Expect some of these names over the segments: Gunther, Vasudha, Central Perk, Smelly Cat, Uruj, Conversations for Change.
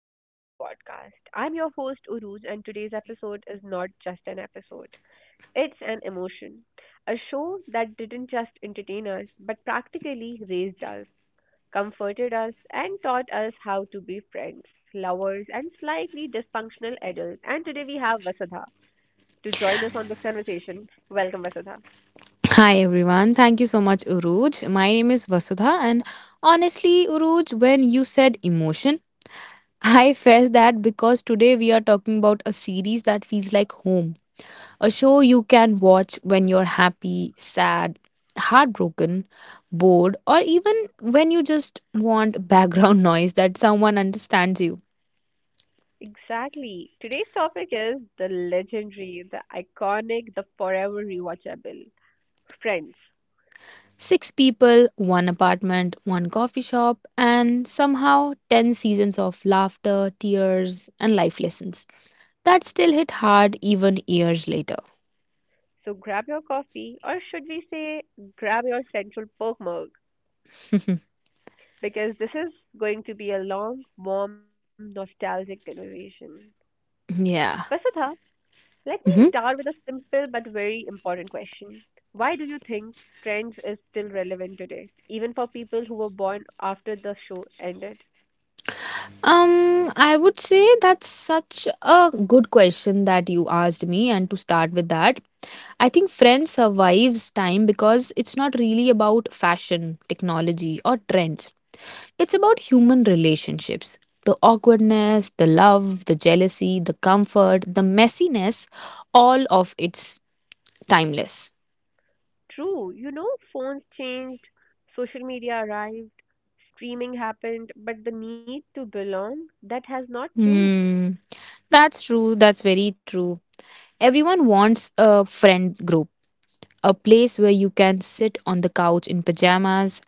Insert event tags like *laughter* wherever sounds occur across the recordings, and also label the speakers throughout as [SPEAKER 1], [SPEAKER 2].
[SPEAKER 1] back to our podcast. I'm your host, Uruj, and today's episode is not just an episode, it's an emotion. A show that didn't just entertain us, but practically raised us, comforted us, and taught us how to be friends, lovers, and slightly dysfunctional adults. And today we have Vasudha to join us on this conversation. Welcome, Vasudha.
[SPEAKER 2] Hi everyone. Thank you so much, Uruj. My name is Vasudha, and honestly, Uruj, when you said emotion, *laughs* I felt that because today we are talking about a series that feels like home. A show you can watch when you're happy, sad, heartbroken, bored, or even when you just want background *laughs* noise that someone understands you.
[SPEAKER 1] Exactly. Today's topic is the legendary, the iconic, the forever rewatchable friends.
[SPEAKER 2] Six people, one apartment, one coffee shop, and somehow 10 seasons of laughter, tears, and life lessons. That still hit hard even years later.
[SPEAKER 1] So grab your coffee, or should we say, grab your Central Perk mug,
[SPEAKER 2] *laughs*
[SPEAKER 1] because this is going to be a long, warm, nostalgic conversation.
[SPEAKER 2] Yeah.
[SPEAKER 1] Vasudha, let me start
[SPEAKER 2] Mhm.
[SPEAKER 1] with a simple but very important question. Why do you think Friends is still relevant today, even for people who were born after the show ended?
[SPEAKER 2] I would say that's such a good question that you asked me, and to start with that, I think Friends survives time because it's not really about fashion, technology, or trends. It's about human relationships. The awkwardness, the love, the jealousy, the comfort, the messiness, all of it's timeless.
[SPEAKER 1] True, you know, phones changed, social media arrived, streaming happened, but the need to belong, that has not changed.
[SPEAKER 2] Hmm. That's true. That's very true. Everyone wants a friend group, a place where you can sit on the couch in pajamas,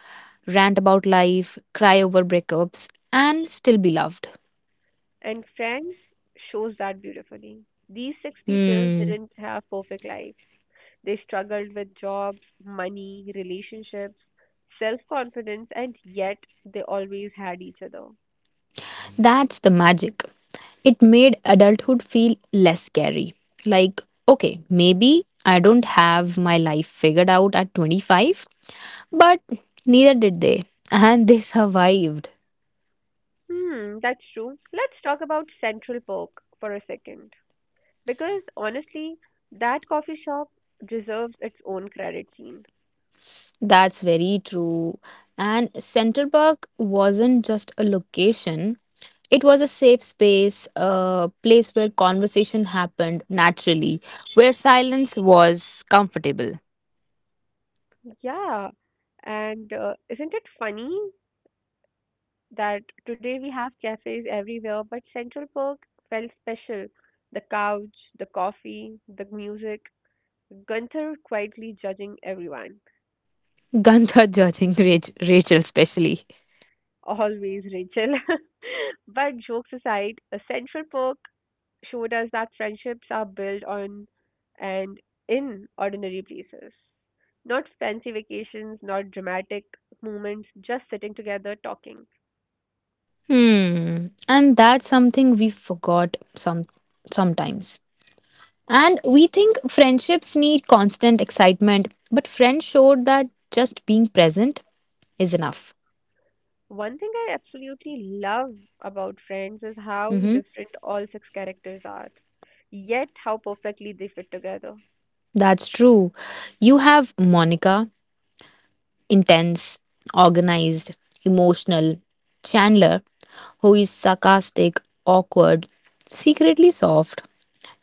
[SPEAKER 2] rant about life, cry over breakups, and still be loved.
[SPEAKER 1] And Friends shows that beautifully. These six people
[SPEAKER 2] Hmm,
[SPEAKER 1] didn't have perfect lives. They struggled with jobs, money, relationships, self confidence, and yet they always had each other.
[SPEAKER 2] that's the magic. It made adulthood feel less scary. Like, okay, maybe I don't have my life figured out at 25, but neither did they, and they survived.
[SPEAKER 1] Hmm, that's true. Let's talk about Central Perk for a second. Because honestly, that coffee shop deserves its own credit scene.
[SPEAKER 2] That's very true. And Central Park wasn't just a location, it was a safe space, a place where conversation happened naturally, where silence was comfortable.
[SPEAKER 1] Yeah, and isn't it funny that today we have cafes everywhere, but Central Park felt special. The couch, the coffee, the music, Gunther quietly judging everyone.
[SPEAKER 2] Gantha judging Rachel, especially.
[SPEAKER 1] Always, Rachel. *laughs* But jokes aside, Central Park showed us that friendships are built on and in ordinary places. Not fancy vacations, not dramatic moments, just sitting together talking.
[SPEAKER 2] Hmm. And that's something we forgot sometimes. And we think friendships need constant excitement, but friends showed that just being present is enough.
[SPEAKER 1] One thing I absolutely love about Friends is how
[SPEAKER 2] Hmm.
[SPEAKER 1] different all six characters are, yet how perfectly they fit together.
[SPEAKER 2] That's true. You have Monica, intense, organized, emotional, Chandler, who is sarcastic, awkward, secretly soft,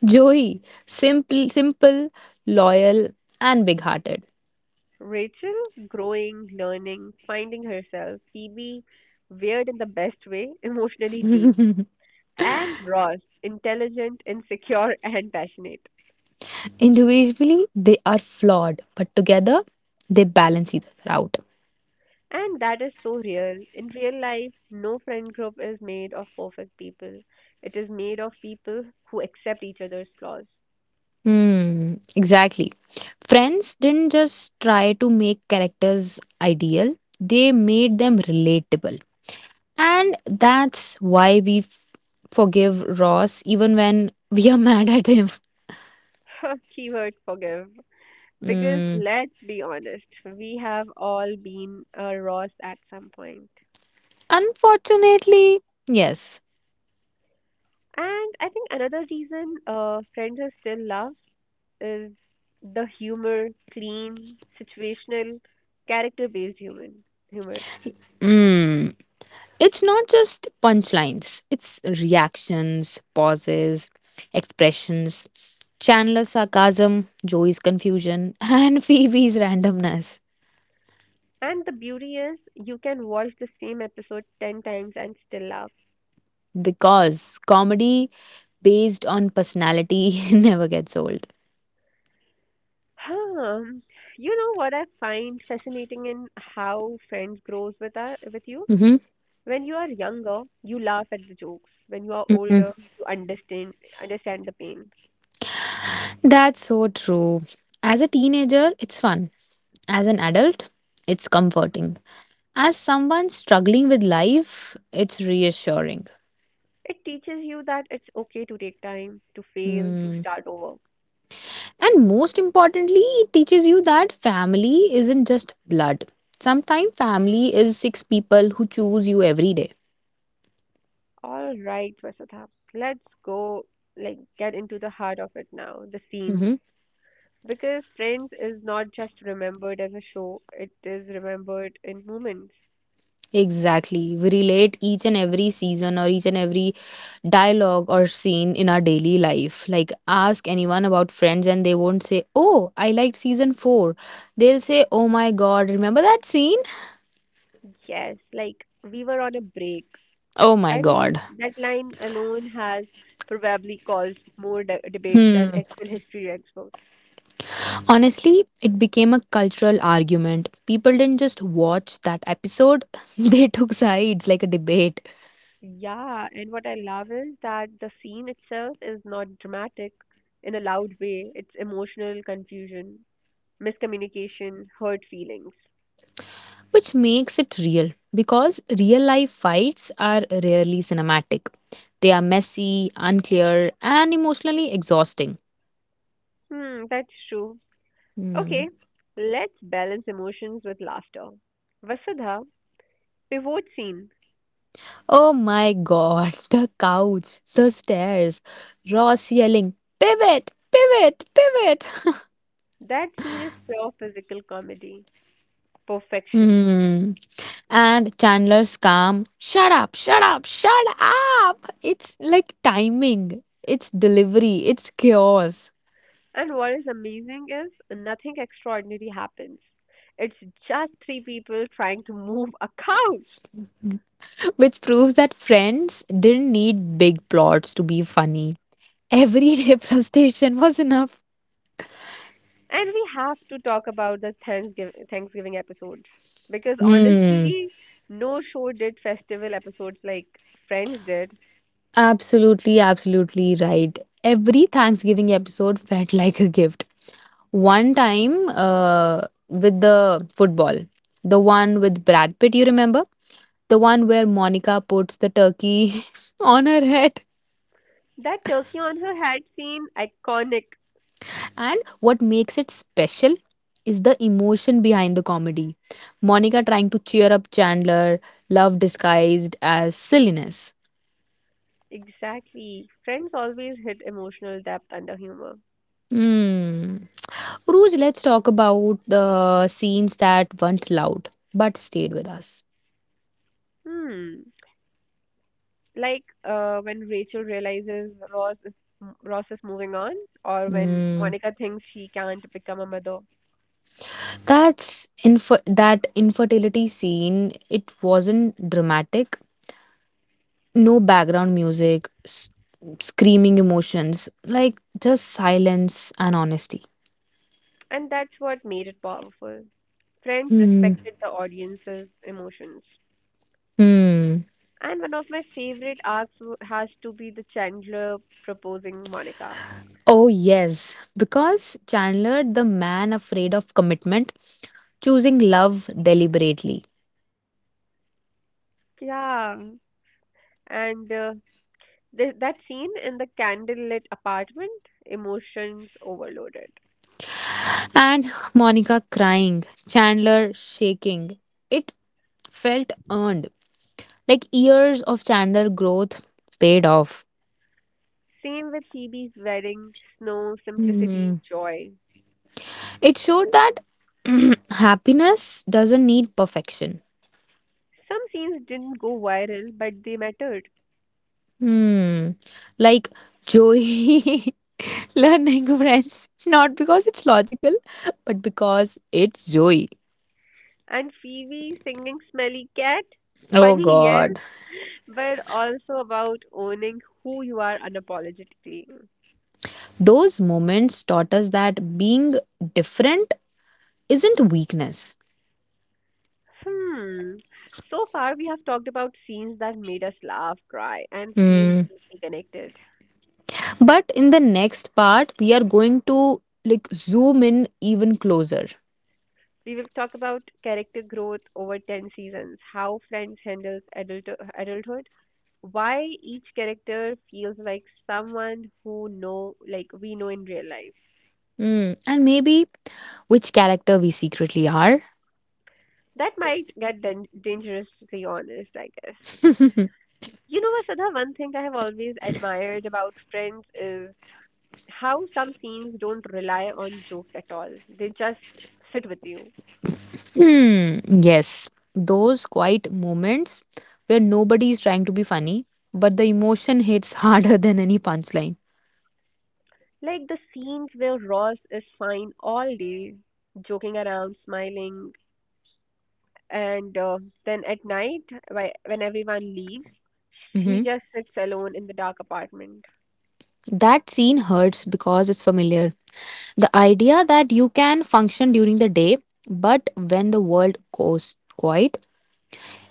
[SPEAKER 2] Joey, simple, loyal, and big hearted.
[SPEAKER 1] Rachel, growing, learning, finding herself. Phoebe, weird in the best way, emotionally deep. And Ross, intelligent, insecure, *laughs* and passionate.
[SPEAKER 2] Individually, they are flawed, but together, they balance each other out.
[SPEAKER 1] And that is so real. In real life, no friend group is made of perfect people. It is made of people who accept each other's flaws.
[SPEAKER 2] Hmm, exactly. Friends didn't just try to make characters ideal, they made them relatable. And that's why we forgive Ross even when we are *laughs* mad at him.
[SPEAKER 1] *laughs* Keyword forgive. Because
[SPEAKER 2] Hmm.
[SPEAKER 1] let's be honest, we have all been a Ross at some point.
[SPEAKER 2] Unfortunately, yes.
[SPEAKER 1] And I think another reason Friends are still loved is the humor, clean, situational, character-based human humor.
[SPEAKER 2] It's not just punchlines, it's reactions, pauses, expressions, Chandler's sarcasm, Joey's confusion, and *laughs* Phoebe's randomness.
[SPEAKER 1] And the beauty is you can watch the same episode 10 times and still laugh.
[SPEAKER 2] Because comedy based on personality *laughs* never gets old.
[SPEAKER 1] Um, you know what I find fascinating in how Friends grows with us, with you?
[SPEAKER 2] Hmm.
[SPEAKER 1] When you are younger, you laugh at the jokes. When you are older,
[SPEAKER 2] Hmm.
[SPEAKER 1] you understand the pain.
[SPEAKER 2] That's so true. As a teenager, it's fun. As an adult, it's comforting. As someone struggling with life, it's reassuring.
[SPEAKER 1] It teaches you that it's okay to take time, to fail, to
[SPEAKER 2] Hmm.
[SPEAKER 1] start over.
[SPEAKER 2] And most importantly, it teaches you that family isn't just blood. Sometimes family is six people who choose you every day.
[SPEAKER 1] All right, Vasudha, let's go like get into the heart of it now, the scenes.
[SPEAKER 2] Mhm.
[SPEAKER 1] Because Friends is not just remembered as a show, it is remembered in moments.
[SPEAKER 2] Exactly. We relate each and every season or each and every dialogue or scene in our daily life. Like, ask anyone about friends and they won't say, "Oh, I liked season four." they They'll say, "Oh my god, remember that scene?"
[SPEAKER 1] Yes, like we were on a break.
[SPEAKER 2] Oh my
[SPEAKER 1] I mean,
[SPEAKER 2] god.
[SPEAKER 1] that line alone has probably caused more debates than actual history experts.
[SPEAKER 2] Honestly, it became a cultural argument. People didn't just watch that episode, *laughs* they took sides like a debate.
[SPEAKER 1] Yeah, and what I love is that the scene itself is not dramatic in a loud way. It's emotional confusion, miscommunication, hurt feelings.
[SPEAKER 2] Which makes it real because real life fights are rarely cinematic. They are messy, unclear, and emotionally exhausting.
[SPEAKER 1] Hmm, that's true.
[SPEAKER 2] Hmm.
[SPEAKER 1] Okay, let's balance emotions with laughter. Vasudha, pivot scene.
[SPEAKER 2] Oh my god, *laughs* the couch, the stairs, Ross yelling, "Pivot, pivot, pivot."
[SPEAKER 1] That scene is pure physical comedy, perfection.
[SPEAKER 2] Hmm. And Chandler's calm, "Shut up, shut up, shut up." It's like timing, it's delivery, it's chaos.
[SPEAKER 1] And what is amazing is nothing extraordinary happens. It's just three people trying to move a couch.
[SPEAKER 2] Which proves that Friends didn't need big plots to be funny. Everyday *laughs* frustration was enough.
[SPEAKER 1] And we have to talk about the Thanksgiving episodes because
[SPEAKER 2] Hmm.
[SPEAKER 1] honestly, no show did festival episodes like Friends did.
[SPEAKER 2] Absolutely, absolutely right. Every Thanksgiving episode felt *laughs* like a gift. One time with the football, the one with Brad Pitt, you remember? The one where Monica puts the turkey *laughs* on her head.
[SPEAKER 1] That turkey on her head scene, iconic.
[SPEAKER 2] And what makes it special is the emotion behind the comedy. Monica trying to cheer up Chandler, love disguised as silliness.
[SPEAKER 1] Exactly. Friends always hit emotional depth under humor.
[SPEAKER 2] Hmm. Uruj, let's talk about the scenes that weren't loud but stayed with us.
[SPEAKER 1] Hmm. Like when Rachel realizes Ross is moving on, or when
[SPEAKER 2] Hmm.
[SPEAKER 1] Monica thinks she can't become a mother.
[SPEAKER 2] That infertility scene. It wasn't dramatic. No background music, screaming emotions, like just silence and honesty.
[SPEAKER 1] And that's what made it powerful. Friends
[SPEAKER 2] Hmm.
[SPEAKER 1] respected the audience's emotions.
[SPEAKER 2] Hmm.
[SPEAKER 1] And one of my favorite arcs has to be the Chandler proposing Monica.
[SPEAKER 2] Oh, yes, because Chandler, the man afraid of commitment, choosing love deliberately,
[SPEAKER 1] Yeah. And that scene in the candlelit apartment, emotions overloaded.
[SPEAKER 2] and Monica crying, Chandler shaking. It felt earned, like years of Chandler growth paid off.
[SPEAKER 1] Same with Phoebe's wedding, snow, simplicity,
[SPEAKER 2] Hmm.
[SPEAKER 1] joy.
[SPEAKER 2] It showed that *clears throat* happiness doesn't need perfection.
[SPEAKER 1] Some scenes didn't go viral, but they mattered.
[SPEAKER 2] Hmm. Like Joey *laughs* learning French, not because it's logical, but because it's Joey.
[SPEAKER 1] And Phoebe singing Smelly Cat,
[SPEAKER 2] Oh
[SPEAKER 1] funny, yes,
[SPEAKER 2] God.
[SPEAKER 1] but also about owning who you are unapologetically.
[SPEAKER 2] Those moments taught us that being different isn't weakness.
[SPEAKER 1] Hmm. So far, we have talked about scenes that made us laugh, cry, and feel
[SPEAKER 2] Hmm.
[SPEAKER 1] deeply connected.
[SPEAKER 2] But in the next part, we are going to like zoom in even closer.
[SPEAKER 1] We will talk about character growth over 10 seasons, how Friends handles adulthood, why each character feels like someone who know like we know in real life.
[SPEAKER 2] Hmm. And maybe which character we secretly are.
[SPEAKER 1] That might get dangerously honest, I guess. You know, Vasudha, one thing I have always admired about Friends is how some scenes don't rely on jokes at all. They just sit with you.
[SPEAKER 2] Hmm, yes, those quiet moments where nobody is trying to be funny, but the emotion hits *laughs* harder than any punchline.
[SPEAKER 1] Like the scenes where Ross is fine all day, joking around, smiling, and then at night, when everyone leaves, he just sits alone in the dark apartment.
[SPEAKER 2] That scene hurts because it's familiar. The idea that you can function during the day, but when the world goes quiet,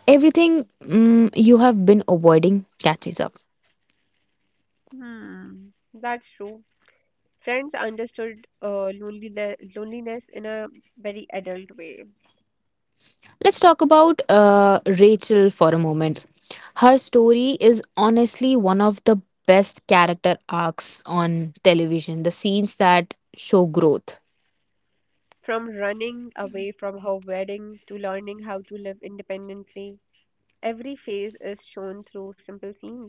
[SPEAKER 2] everything you have been avoiding catches up.
[SPEAKER 1] Hmm. That's true. Friends understood loneliness in a very adult way.
[SPEAKER 2] Let's talk about Rachel for a moment. Her story is honestly one of the best character arcs on television, the scenes that show growth.
[SPEAKER 1] From running away from her wedding to learning how to live independently, every phase is shown through simple scenes.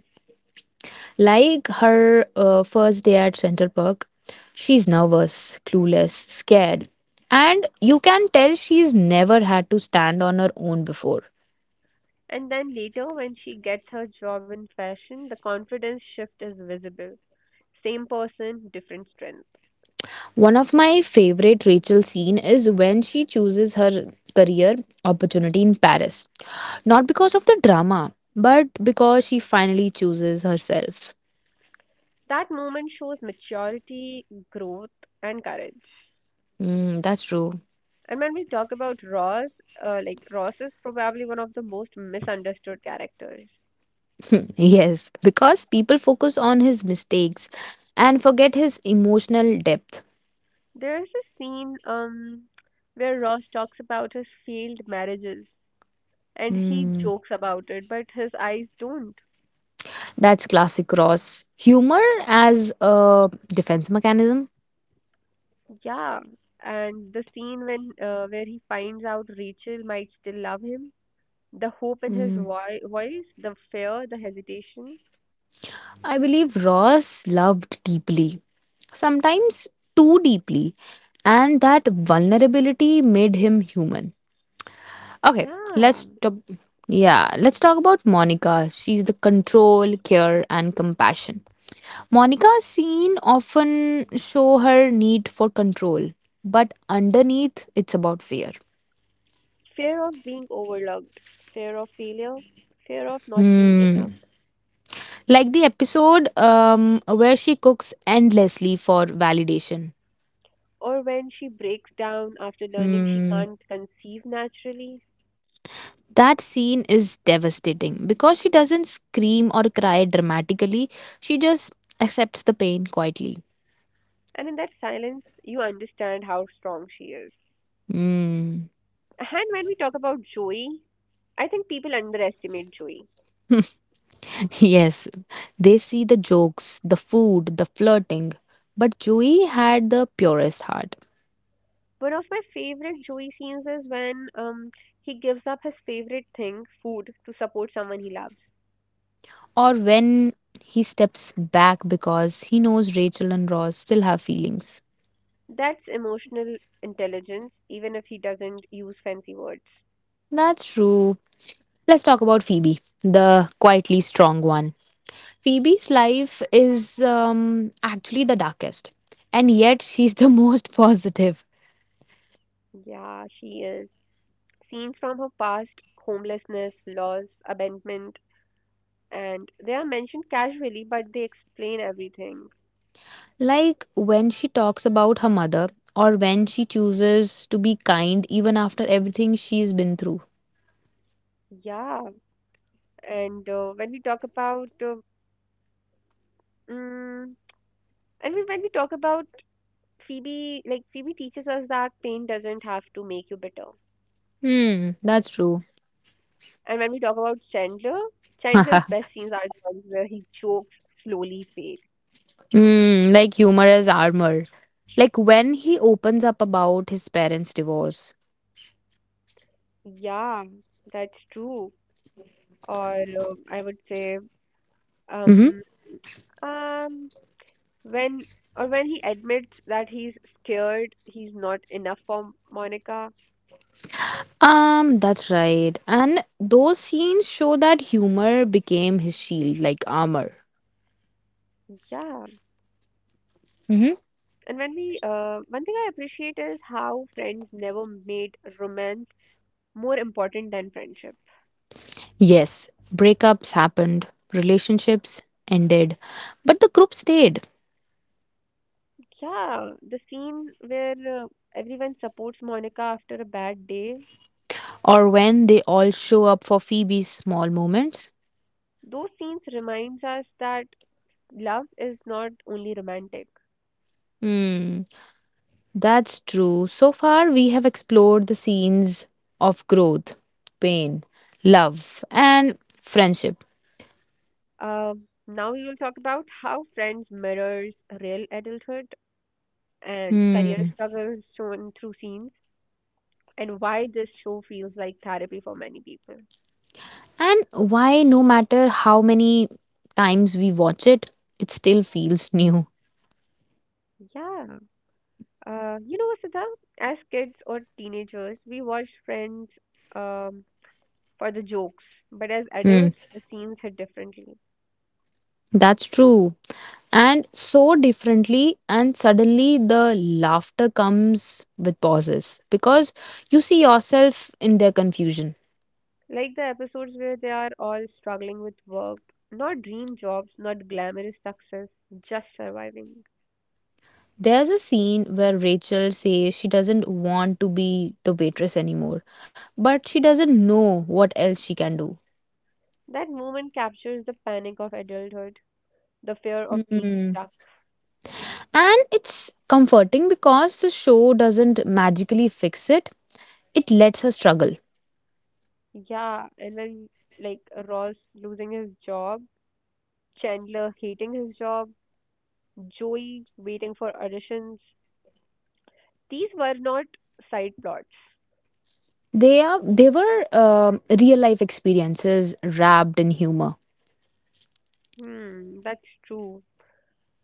[SPEAKER 2] Like her first day at Central Park, she's nervous, clueless, scared. And you can tell she's never had to stand on her own before.
[SPEAKER 1] And then later, when she gets her job in fashion, the confidence shift is visible. Same person, different strength.
[SPEAKER 2] One of my favorite Rachel scene is when she chooses her career opportunity in Paris. Not because of the drama, but because she finally chooses herself.
[SPEAKER 1] That moment shows maturity, growth, and courage.
[SPEAKER 2] Mm, that's true. *laughs*
[SPEAKER 1] And when we talk about Ross, Ross is probably one of the most misunderstood characters.
[SPEAKER 2] Yes, because people focus on his mistakes and forget his emotional depth.
[SPEAKER 1] There is a scene where Ross talks about his failed marriages and he
[SPEAKER 2] Mm.
[SPEAKER 1] jokes about it, but his eyes don't.
[SPEAKER 2] That's classic Ross. Humor as a defense mechanism.
[SPEAKER 1] Yeah, and the scene when where he finds out Rachel might still love him, the hope in his
[SPEAKER 2] Mm.
[SPEAKER 1] voice, the fear, the hesitation.
[SPEAKER 2] I believe Ross loved deeply, sometimes too deeply, and that vulnerability made him human. Okay,
[SPEAKER 1] Yeah,
[SPEAKER 2] let's talk. Yeah, let's talk about Monica. She's the control, care, and compassion. Monica's scene often show her need for control, but underneath, it's about fear.
[SPEAKER 1] fear of being overlooked, fear of failure, fear of not being enough.
[SPEAKER 2] Hmm. Like the episode where she cooks endlessly for validation.
[SPEAKER 1] Or when she breaks down after learning she
[SPEAKER 2] Mm,
[SPEAKER 1] can't conceive naturally.
[SPEAKER 2] that scene is devastating because she doesn't scream or cry dramatically, she just accepts the pain quietly.
[SPEAKER 1] And in that silence, you understand how strong she is.
[SPEAKER 2] Mm.
[SPEAKER 1] And when we talk about Joey, I think people underestimate Joey.
[SPEAKER 2] *laughs* Yes, they see the jokes, the food, the flirting. But Joey had the purest heart.
[SPEAKER 1] One of my favorite Joey scenes is when he gives up his favorite thing, food, to support someone he loves.
[SPEAKER 2] Or when he steps back because he knows Rachel and Ross still have feelings.
[SPEAKER 1] That's emotional intelligence, even if he doesn't use fancy words.
[SPEAKER 2] That's true. Let's talk about Phoebe, the quietly strong one. Phoebe's life is actually the darkest, and yet she's the *laughs* most positive.
[SPEAKER 1] Yeah, she is. Scenes from her past, homelessness, loss, abandonment, and they are mentioned casually, but they explain everything.
[SPEAKER 2] Like when she talks about her mother, or when she chooses to be kind even after everything she's been through.
[SPEAKER 1] Yeah, and when we talk about, mm, and we, when we talk about Phoebe, like Phoebe teaches us that pain doesn't have to make you bitter.
[SPEAKER 2] Hmm, that's true.
[SPEAKER 1] And when we talk about Chandler, Chandler's best scenes
[SPEAKER 2] *laughs*
[SPEAKER 1] are the ones where he jokes slowly fade.
[SPEAKER 2] Hmm, like humor as armor. Like when he opens up about his parents' divorce.
[SPEAKER 1] Yeah, that's true. Or I would say um um when or when he admits that he's scared he's not enough for Monica.
[SPEAKER 2] That's right. And those scenes show that humor became his shield, like armor.
[SPEAKER 1] Yeah.
[SPEAKER 2] Hmm.
[SPEAKER 1] And when we one thing I appreciate is how friends never made romance more important than friendship.
[SPEAKER 2] Yes, breakups happened, relationships ended, but the group stayed.
[SPEAKER 1] Yeah, the scene where uh, everyone supports Monica after a bad day,
[SPEAKER 2] Or when they all show up for Phoebe's small moments.
[SPEAKER 1] those scenes reminds us that love is not only romantic.
[SPEAKER 2] Hmm, that's true. So far, we have explored the scenes of growth, pain, love, and friendship.
[SPEAKER 1] Uh, now we will talk about how friends mirrors real adulthood and career
[SPEAKER 2] Hmm.
[SPEAKER 1] struggles shown through scenes and why this show feels like therapy for many people.
[SPEAKER 2] And why, no matter how many times we watch it, it still feels new.
[SPEAKER 1] Yeah. You know, Sita, as kids or teenagers, we watched Friends um, for the jokes, but as
[SPEAKER 2] Hmm,
[SPEAKER 1] adults, the scenes hit differently.
[SPEAKER 2] that's true. And so differently, and suddenly the laughter comes with pauses because you see yourself in their confusion.
[SPEAKER 1] Like the episodes where they are all struggling with work, not dream jobs, not glamorous success, just surviving.
[SPEAKER 2] There's a scene where Rachel says she doesn't want to be the waitress anymore, but she doesn't know what else she can do.
[SPEAKER 1] That moment captures the panic of adulthood, the fear of being
[SPEAKER 2] Hmm.
[SPEAKER 1] stuck.
[SPEAKER 2] And it's comforting because the show doesn't magically fix it, it lets her struggle.
[SPEAKER 1] Yeah, and when like Ross losing his job, Chandler hating his job, Joey waiting for auditions, these were not side plots.
[SPEAKER 2] They were real life experiences wrapped in humor.
[SPEAKER 1] Hmm, that's true.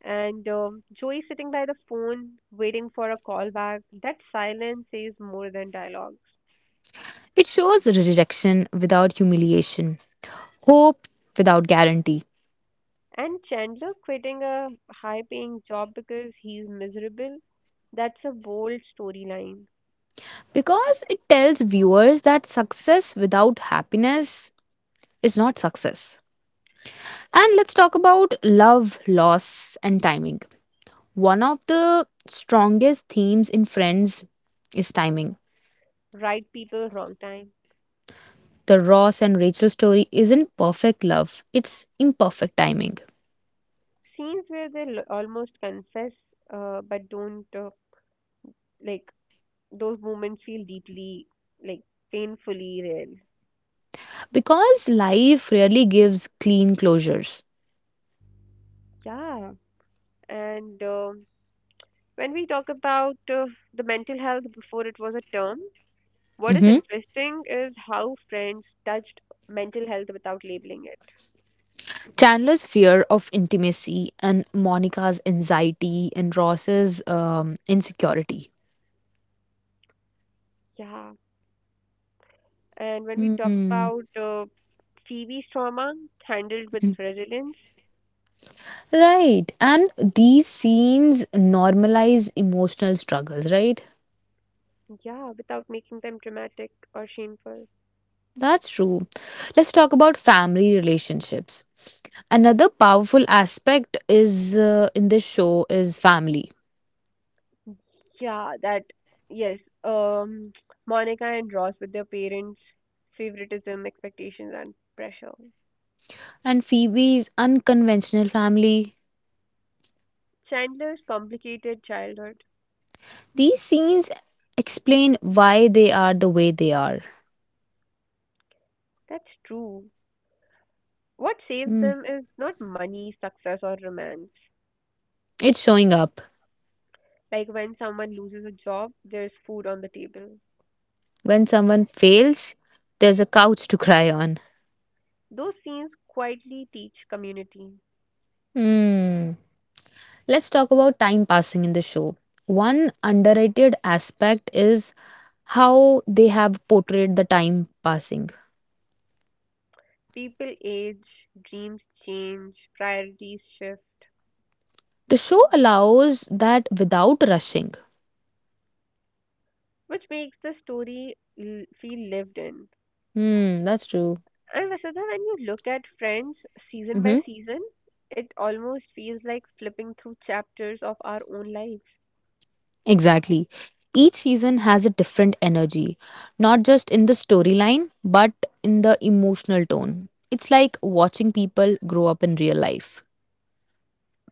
[SPEAKER 1] And Joey sitting by the phone, waiting for a call back. That silence says more than dialogues.
[SPEAKER 2] It shows rejection without humiliation, hope without guarantee,
[SPEAKER 1] And Chandler quitting a high paying job because he's miserable. That's a bold storyline.
[SPEAKER 2] because it tells viewers that success without happiness is not success. And let's talk about love, loss, and timing. One of the strongest themes in Friends is timing.
[SPEAKER 1] Right people, wrong time.
[SPEAKER 2] The Ross and Rachel story isn't perfect love, it's imperfect timing.
[SPEAKER 1] Scenes where they almost confess, but don't, like, those moments feel deeply, like, painfully real.
[SPEAKER 2] Because life rarely gives clean closures.
[SPEAKER 1] Yeah. And when we talk about the mental health before it was a term, what is
[SPEAKER 2] Mhm.
[SPEAKER 1] interesting is how friends touched mental health without labeling it.
[SPEAKER 2] Chandler's fear of intimacy and Monica's anxiety and Ross's insecurity.
[SPEAKER 1] Yeah. And when we talk
[SPEAKER 2] Hmm.
[SPEAKER 1] about TV's trauma handled with resilience,
[SPEAKER 2] Right. And these scenes normalize emotional struggles, right?
[SPEAKER 1] yeah, without making them dramatic or shameful.
[SPEAKER 2] That's true. Let's talk about family relationships. Another powerful aspect is in this show is family.
[SPEAKER 1] Yeah, that yes. Um, Monica and Ross with their parents, favoritism, expectations, and pressure.
[SPEAKER 2] And Phoebe's unconventional family.
[SPEAKER 1] Chandler's complicated childhood.
[SPEAKER 2] These scenes explain why they are the way they are.
[SPEAKER 1] That's true. What saves
[SPEAKER 2] Mm.
[SPEAKER 1] them is not money, success, or romance.
[SPEAKER 2] It's showing up.
[SPEAKER 1] Like when someone loses a job, there's food on the table.
[SPEAKER 2] When someone fails, there's a couch to cry on.
[SPEAKER 1] Those scenes quietly teach community.
[SPEAKER 2] Mm. Let's talk about time passing in the show. One underrated aspect is how they have portrayed the time passing.
[SPEAKER 1] People age, dreams change, priorities shift,
[SPEAKER 2] The show allows that without rushing.
[SPEAKER 1] which makes the story feel lived in.
[SPEAKER 2] Hmm, that's true.
[SPEAKER 1] And Vasudha, when you look at Friends season by
[SPEAKER 2] Hmm.
[SPEAKER 1] season, it almost feels like flipping through chapters of our own lives.
[SPEAKER 2] Exactly. Each season has a different energy, not just in the storyline, but in the emotional tone. It's like watching people grow up in real life.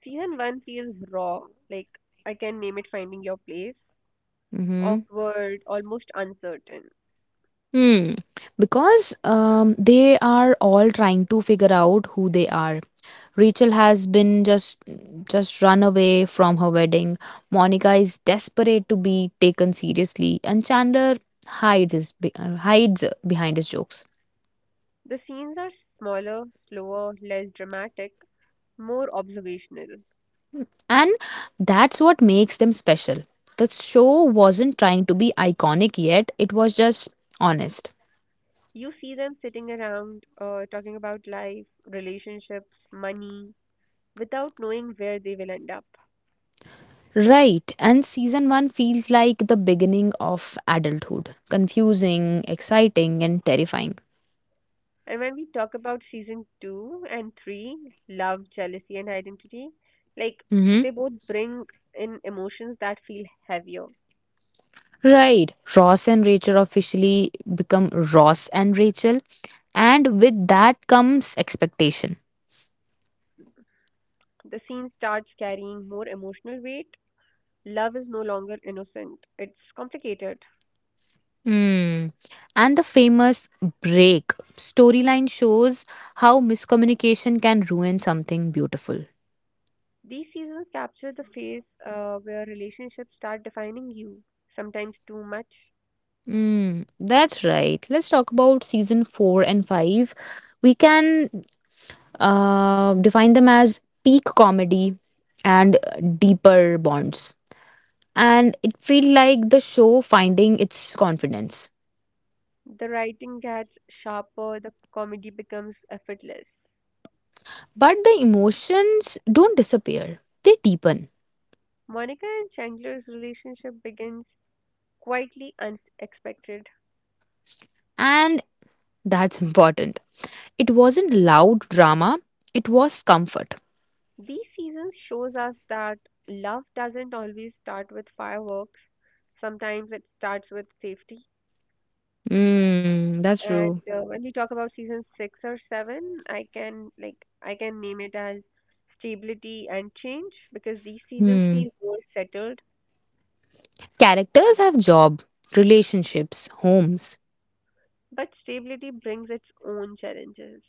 [SPEAKER 1] Season 1 feels raw, like I can name it Finding Your Place,
[SPEAKER 2] Hmm.
[SPEAKER 1] awkward, almost uncertain.
[SPEAKER 2] Hmm. Because they are all trying to figure out who they are. Rachel has been just run away from her wedding. Monica is desperate to be taken seriously, and Chandler hides behind his jokes.
[SPEAKER 1] The scenes are smaller, slower, less dramatic, more observational.
[SPEAKER 2] And that's what makes them special. The show wasn't trying to be iconic yet, it was just honest.
[SPEAKER 1] You see them sitting around, talking about life, relationships, money, without knowing where they will end up.
[SPEAKER 2] Right, and season 1 feels like the beginning of adulthood confusing, exciting, and terrifying.
[SPEAKER 1] And when we talk about season 2 and 3, love, jealousy, and identity, like
[SPEAKER 2] Hmm.
[SPEAKER 1] they both bring in emotions that feel heavier.
[SPEAKER 2] Right, Ross and Rachel officially become Ross and Rachel, and with that comes expectation.
[SPEAKER 1] The scene starts carrying more emotional weight. Love is no longer innocent, it's complicated.
[SPEAKER 2] Hmm. And the famous break storyline shows how miscommunication can ruin something beautiful.
[SPEAKER 1] These seasons capture the phase where relationships start defining you, sometimes too much.
[SPEAKER 2] Hmm. That's right. Let's talk about season four and five. We can define them as peak comedy and deeper bonds. And it feel like the show finding its confidence.
[SPEAKER 1] The writing gets sharper, the comedy becomes effortless.
[SPEAKER 2] But the emotions don't disappear, they deepen.
[SPEAKER 1] Monica and Chandler's relationship begins quietly unexpected.
[SPEAKER 2] And that's important. It wasn't loud drama, it was comfort.
[SPEAKER 1] These seasons shows us that love doesn't always start with fireworks. Sometimes it starts with safety.
[SPEAKER 2] Mm, that's
[SPEAKER 1] And
[SPEAKER 2] true.
[SPEAKER 1] uh, when we talk about season six or seven, I can name it as stability and change because these seasons
[SPEAKER 2] Hmm.
[SPEAKER 1] feel more settled,
[SPEAKER 2] Characters have job, relationships, homes.
[SPEAKER 1] but stability brings its own challenges.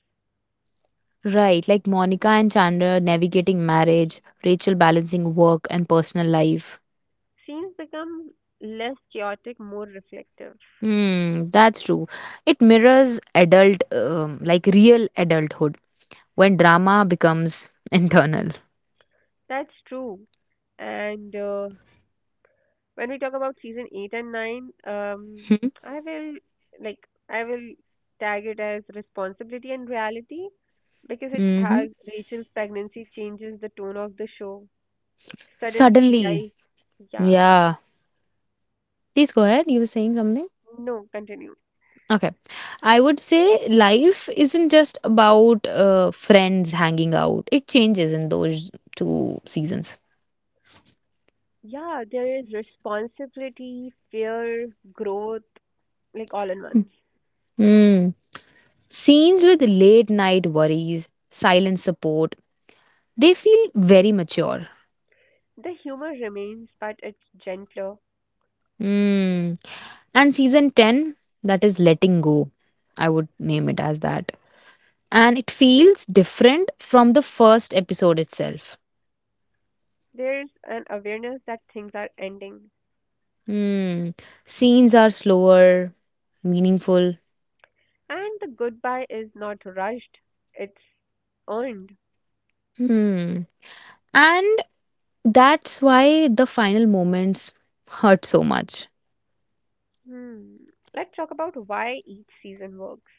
[SPEAKER 2] Right, like Monica and Chandler navigating marriage, Rachel balancing work and personal life.
[SPEAKER 1] Scenes become less chaotic, more reflective.
[SPEAKER 2] Hmm, that's true. It mirrors adult, like real adulthood, when drama becomes *laughs* internal.
[SPEAKER 1] That's true. And when we talk about season 8 and 9, um, I will like I will tag it as responsibility and reality because it
[SPEAKER 2] Mm-hmm.
[SPEAKER 1] has Rachel's pregnancy changes the tone of the show. Suddenly
[SPEAKER 2] Suddenly,
[SPEAKER 1] life, yeah.
[SPEAKER 2] yeah. Please go ahead. You were saying something.
[SPEAKER 1] No, continue.
[SPEAKER 2] Okay. I would say life isn't just about friends hanging out. It changes in those two seasons.
[SPEAKER 1] Yeah, there is responsibility, fear, growth, like all in one.
[SPEAKER 2] Hmm. Scenes with late night worries, silent support, they feel very mature.
[SPEAKER 1] The humor remains, but it's gentler.
[SPEAKER 2] Hmm. And season 10, that is letting go. I would name it as that. And it feels different from the first episode itself.
[SPEAKER 1] There's an awareness that things are ending.
[SPEAKER 2] Hmm. Scenes are slower, meaningful.
[SPEAKER 1] And the goodbye is not rushed, it's earned.
[SPEAKER 2] Hmm. And that's why the final moments hurt so much.
[SPEAKER 1] Hmm. Let's talk about why each season works.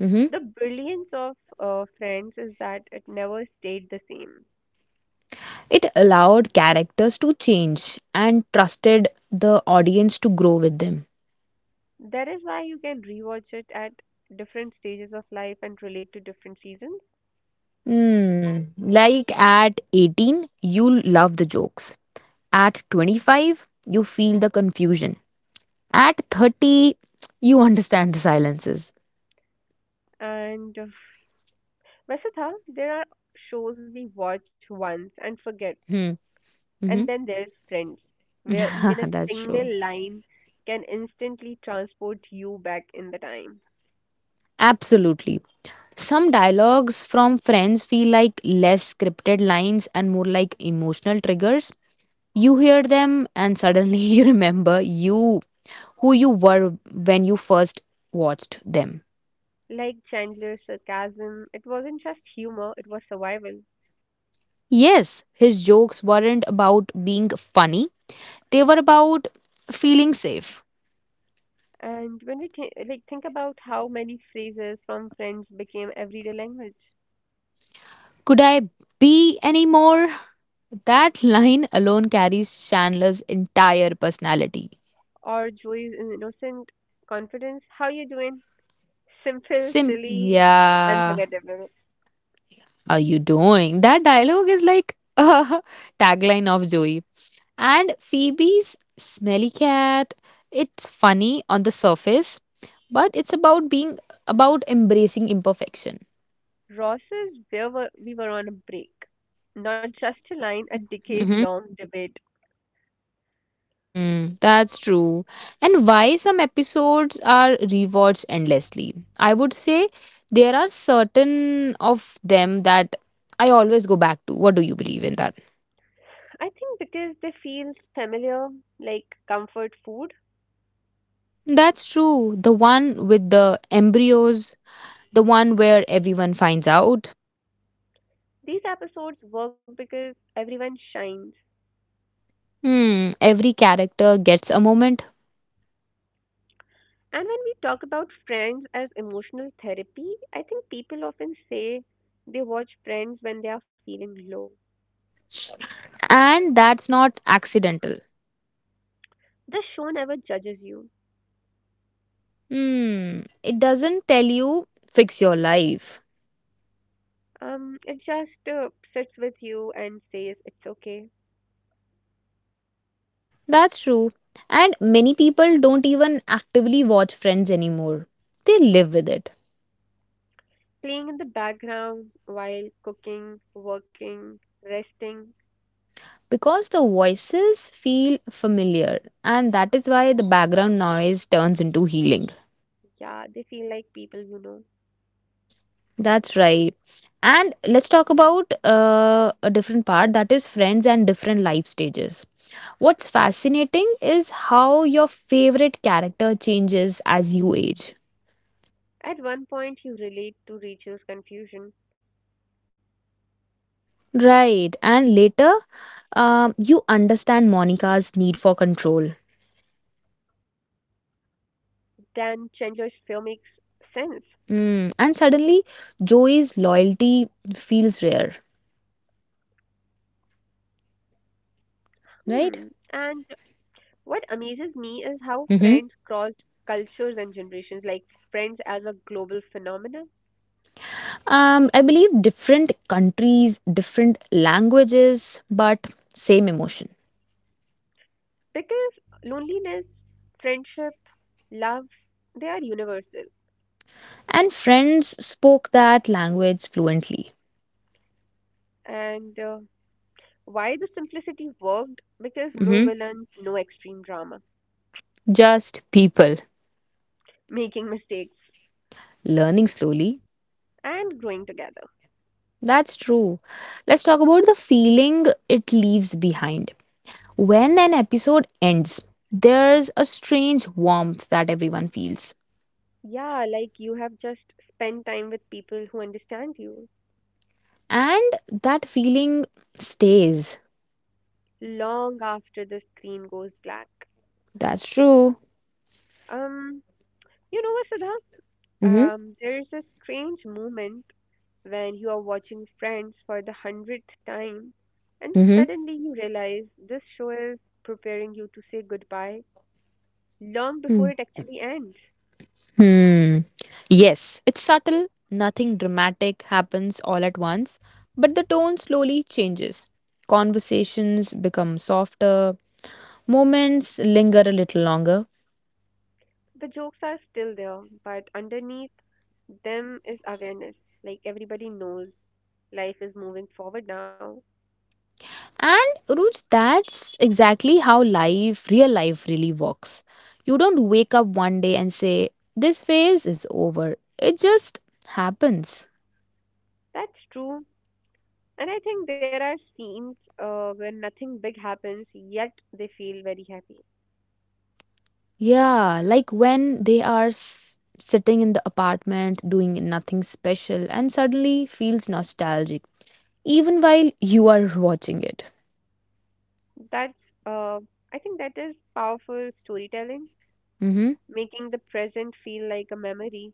[SPEAKER 2] Mhm.
[SPEAKER 1] The brilliance of Friends is that it never stayed the same.
[SPEAKER 2] It allowed characters to change and trusted the audience to grow with them.
[SPEAKER 1] That is why you can rewatch it at different stages of life and relate to different seasons.
[SPEAKER 2] Hmm. Like at 18, you love the jokes. At 25, you feel the confusion. At 30, you understand the silences.
[SPEAKER 1] And Vasudha, there are shows we watch once and forget.
[SPEAKER 2] Hmm.
[SPEAKER 1] And
[SPEAKER 2] Mhm.
[SPEAKER 1] then there's Friends, where even
[SPEAKER 2] *laughs*
[SPEAKER 1] a
[SPEAKER 2] That's
[SPEAKER 1] single
[SPEAKER 2] true.
[SPEAKER 1] line can instantly transport you back in the time.
[SPEAKER 2] Absolutely. Some dialogues from friends feel like less scripted lines and more like emotional triggers. You hear them and suddenly *laughs* you remember you who you were when you first watched them.
[SPEAKER 1] Like Chandler's sarcasm, it wasn't just humor, it was survival.
[SPEAKER 2] Yes, his jokes weren't about being funny, they were about feeling safe.
[SPEAKER 1] And when we think about how many phrases from Friends became everyday language,
[SPEAKER 2] Could I be any more? That line alone carries Chandler's entire personality.
[SPEAKER 1] or Joey's innocent confidence, "How you doing?" Simple,
[SPEAKER 2] Sim,
[SPEAKER 1] silly,
[SPEAKER 2] yeah.
[SPEAKER 1] unforgettable.
[SPEAKER 2] Are you doing that? Dialogue is like *laughs* a tagline of Joey. And Phoebe's smelly cat, it's funny on the surface, but it's about embracing imperfection.
[SPEAKER 1] Ross's "Where were we were on a break," not just a line, a
[SPEAKER 2] Mhm.
[SPEAKER 1] decade-long debate.
[SPEAKER 2] Mm, that's true. And why some episodes are rewatched endlessly? I would say there are certain of them that I always go back to. What do you believe in that?
[SPEAKER 1] I think because they feel familiar, like comfort food.
[SPEAKER 2] That's true. The one with the embryos, the one where everyone finds out.
[SPEAKER 1] These episodes work because everyone shines.
[SPEAKER 2] Hmm, every character gets a moment.
[SPEAKER 1] And when we talk about Friends as emotional therapy, I think people often say they watch Friends when they are feeling low.
[SPEAKER 2] And that's not accidental.
[SPEAKER 1] The show never judges you.
[SPEAKER 2] Hmm, it doesn't tell you fix your life.
[SPEAKER 1] It just sits with you and says it's okay.
[SPEAKER 2] That's true. And many people don't even actively watch Friends anymore. They live with it
[SPEAKER 1] Playing in the background while cooking, working, resting,
[SPEAKER 2] because the voices feel familiar, and that is why the background noise turns into healing.
[SPEAKER 1] yeah, they feel like people you know.
[SPEAKER 2] That's right. And let's talk about a different part that is friends and different life stages. What's fascinating is how your favorite character changes as you age.
[SPEAKER 1] At one point, you relate to Rachel's confusion.
[SPEAKER 2] Right. And later, you understand Monica's need for control.
[SPEAKER 1] Then Chandler's fear makes sense.
[SPEAKER 2] Mm. And suddenly, Joey's loyalty feels rare.
[SPEAKER 1] Hmm.
[SPEAKER 2] Right?
[SPEAKER 1] And What amazes me is how friends
[SPEAKER 2] Mm-hmm.
[SPEAKER 1] crossed cultures and generations, like friends as a global phenomenon.
[SPEAKER 2] I believe different countries, different languages, but same emotion.
[SPEAKER 1] Because loneliness, friendship, love, they are universal.
[SPEAKER 2] And friends spoke that language fluently.
[SPEAKER 1] And why the simplicity worked? Because no
[SPEAKER 2] Mhm.
[SPEAKER 1] villains, no extreme drama,
[SPEAKER 2] Just people
[SPEAKER 1] making mistakes,
[SPEAKER 2] learning slowly.
[SPEAKER 1] and growing together.
[SPEAKER 2] That's true. Let's talk about the feeling it leaves behind. When an episode ends, there's a strange warmth that everyone feels,
[SPEAKER 1] Yeah, like you have just spent time with people who understand you
[SPEAKER 2] and that feeling stays.
[SPEAKER 1] long after the screen goes black.
[SPEAKER 2] That's true.
[SPEAKER 1] Um, you know what, Siddha?
[SPEAKER 2] Mm-hmm.
[SPEAKER 1] There is a strange moment when you are watching Friends for the 100th time, and
[SPEAKER 2] Mm-hmm.
[SPEAKER 1] suddenly you realize this show is preparing you to say goodbye long
[SPEAKER 2] Mm-hmm.
[SPEAKER 1] before it actually ends.
[SPEAKER 2] Hmm. Yes, it's subtle. Nothing dramatic happens all at once, but the tone slowly changes. Conversations become softer, moments linger a little longer.
[SPEAKER 1] The jokes are still there, but underneath them is awareness. Like everybody knows life is moving forward now.
[SPEAKER 2] And Ruj, that's exactly how life, real life, really works. You don't wake up one day and say, this phase is over. It just happens.
[SPEAKER 1] That's true. And I think there are scenes where nothing big happens, yet they feel very happy.
[SPEAKER 2] Yeah, like when they are sitting in the apartment doing nothing special and suddenly feels nostalgic, even while you are watching it.
[SPEAKER 1] That's, uh, I think that is powerful storytelling,
[SPEAKER 2] Mm-hmm.
[SPEAKER 1] making the present feel like a memory.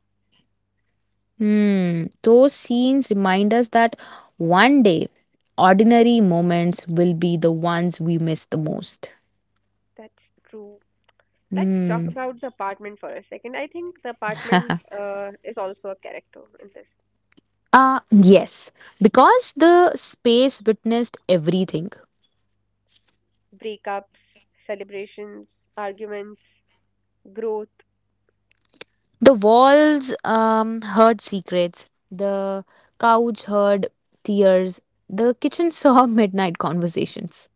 [SPEAKER 2] Hmm. Those scenes remind us that one day, ordinary moments will be the ones we miss the most.
[SPEAKER 1] That's true. Let's talk
[SPEAKER 2] Hmm.
[SPEAKER 1] about the apartment for a second. I think the
[SPEAKER 2] *laughs*
[SPEAKER 1] apartment is also a character in this.
[SPEAKER 2] Ah, yes, because the space witnessed everything.
[SPEAKER 1] Breakups, celebrations, arguments, growth.
[SPEAKER 2] The walls heard secrets, the couch heard tears, the kitchen *laughs* saw midnight conversations.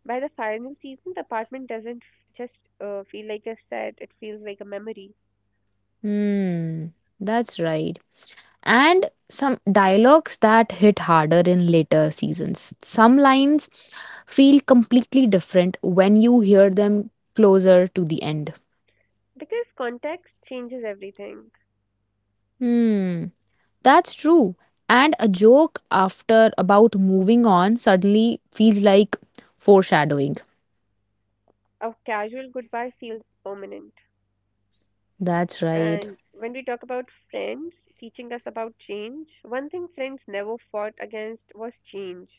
[SPEAKER 1] By the final season, the apartment doesn't just feel like a set, it feels like a memory.
[SPEAKER 2] Hmm, that's right. And some dialogues that hit harder in later seasons. Some lines feel completely different when you hear them closer to the end.
[SPEAKER 1] Because context changes everything.
[SPEAKER 2] Hmm, that's true. And a joke after about moving on suddenly feels like foreshadowing.
[SPEAKER 1] A casual goodbye feels permanent.
[SPEAKER 2] That's right.
[SPEAKER 1] And when we talk about friends teaching us about change, one thing friends never fought against was change.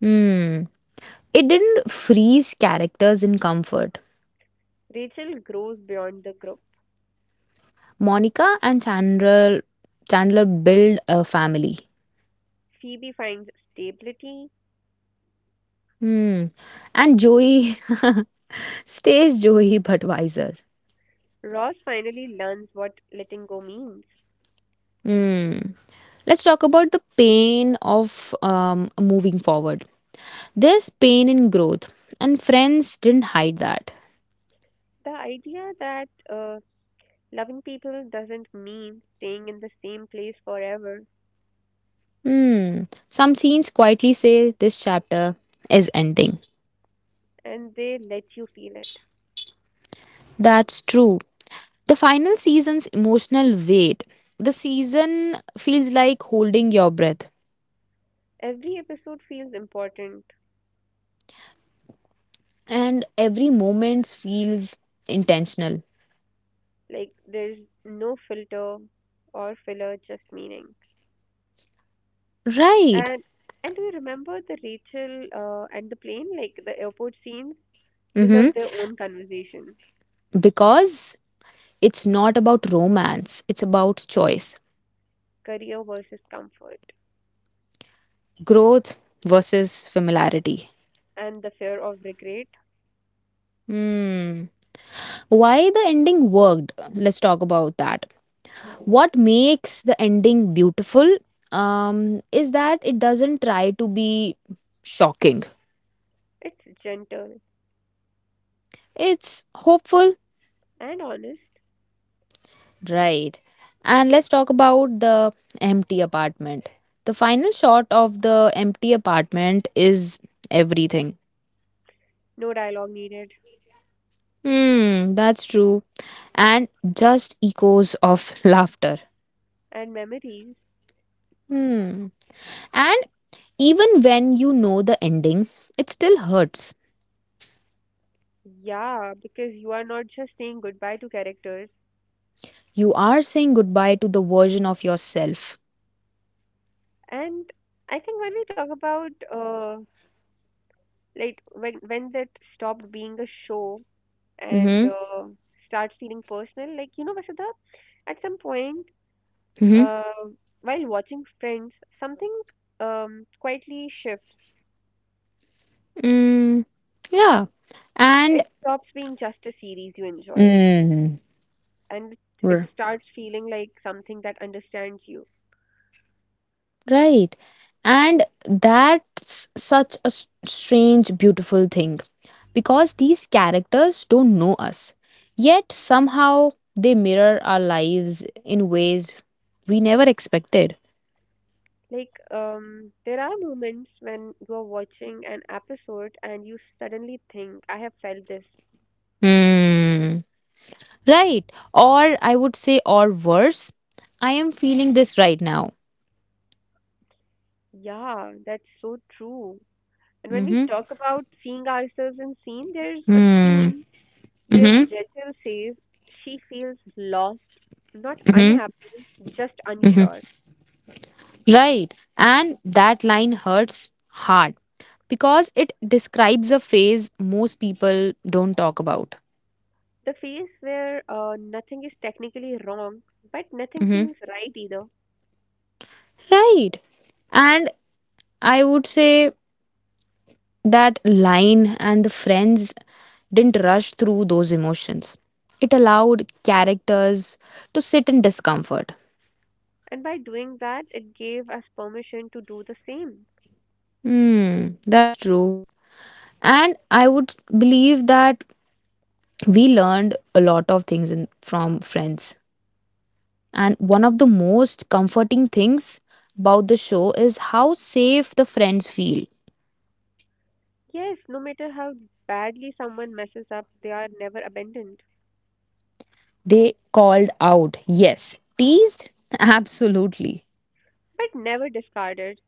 [SPEAKER 2] Hmm. It didn't freeze characters in comfort.
[SPEAKER 1] Rachel grows beyond the group.
[SPEAKER 2] Monica and Chandler build a family.
[SPEAKER 1] Phoebe finds stability.
[SPEAKER 2] Hmm. And Joey *laughs* stays Joey but wiser.
[SPEAKER 1] Ross finally learns what letting go means.
[SPEAKER 2] Hmm. Let's talk about the pain of moving forward. There's pain in growth, and friends didn't hide that.
[SPEAKER 1] The idea that loving people doesn't mean staying in the same place forever,
[SPEAKER 2] Hmm. Some scenes quietly say this chapter is ending.
[SPEAKER 1] and they let you feel it.
[SPEAKER 2] That's true. The final season's emotional weight. The season feels like holding your breath,
[SPEAKER 1] Every episode feels important.
[SPEAKER 2] and every moment feels intentional.
[SPEAKER 1] Like there's no filter or filler, just meaning.
[SPEAKER 2] Right.
[SPEAKER 1] And and do you remember the Rachel and the plane? Like the airport scenes
[SPEAKER 2] Hmm.
[SPEAKER 1] deserve their own conversation.
[SPEAKER 2] Because it's not about romance, it's about choice,
[SPEAKER 1] Career versus comfort
[SPEAKER 2] growth versus familiarity.
[SPEAKER 1] and the fear of regret.
[SPEAKER 2] Hmm. Why the ending worked? Let's talk about that. What makes the ending beautiful is that it doesn't try to be shocking.
[SPEAKER 1] It's gentle
[SPEAKER 2] It's hopeful.
[SPEAKER 1] and honest.
[SPEAKER 2] Right. And let's talk about the empty apartment. The final shot of the empty apartment is everything.
[SPEAKER 1] No dialogue needed.
[SPEAKER 2] Hmm, that's true. And just echoes of *laughs* laughter.
[SPEAKER 1] And memories.
[SPEAKER 2] Hmm. And even when you know the ending, it still hurts.
[SPEAKER 1] Yeah, because you are not just saying goodbye to characters.
[SPEAKER 2] You are saying goodbye to the version of yourself.
[SPEAKER 1] And I think when we talk about like when that stopped being a show and
[SPEAKER 2] Mm-hmm.
[SPEAKER 1] starts feeling personal, like you know, Vasudha, at some point
[SPEAKER 2] Mm-hmm.
[SPEAKER 1] Uh, while watching Friends, something quietly shifts.
[SPEAKER 2] Mm. Yeah. And
[SPEAKER 1] It stops being just a series you enjoy,
[SPEAKER 2] mm.
[SPEAKER 1] and it
[SPEAKER 2] R-
[SPEAKER 1] starts feeling like something that understands you.
[SPEAKER 2] Right. And that's such a strange, beautiful thing because these characters don't know us. Yet somehow they mirror our lives in ways we never expected.
[SPEAKER 1] Like, there are moments when you are watching an episode and you suddenly think, I have felt this.
[SPEAKER 2] Hmm. Right. Or I would say, or worse, I am feeling this right now.
[SPEAKER 1] Yeah, that's so true. And when we
[SPEAKER 2] Mm-hmm.
[SPEAKER 1] talk about seeing ourselves in scene, there's a
[SPEAKER 2] Hmm.
[SPEAKER 1] scene where
[SPEAKER 2] Mm-hmm.
[SPEAKER 1] Rachel says she feels lost, not
[SPEAKER 2] Mm-hmm.
[SPEAKER 1] unhappy, just unsure.
[SPEAKER 2] Right. And that line hurts hard because it describes a phase most people don't talk about.
[SPEAKER 1] The phase where nothing is technically wrong, but nothing
[SPEAKER 2] Hmm.
[SPEAKER 1] feels right either.
[SPEAKER 2] Right. And I would say that line and the friends didn't rush through those emotions. It allowed characters to sit in discomfort.
[SPEAKER 1] And by doing that, it gave us permission to do the same.
[SPEAKER 2] Hmm, that's true. And I would believe that we learned a lot of things in, from friends. And one of the most comforting things about the show is how safe the friends feel.
[SPEAKER 1] Yes, no matter how badly someone messes up, they are never abandoned,
[SPEAKER 2] They called out, yes. Teased? *laughs* Absolutely.
[SPEAKER 1] but never discarded.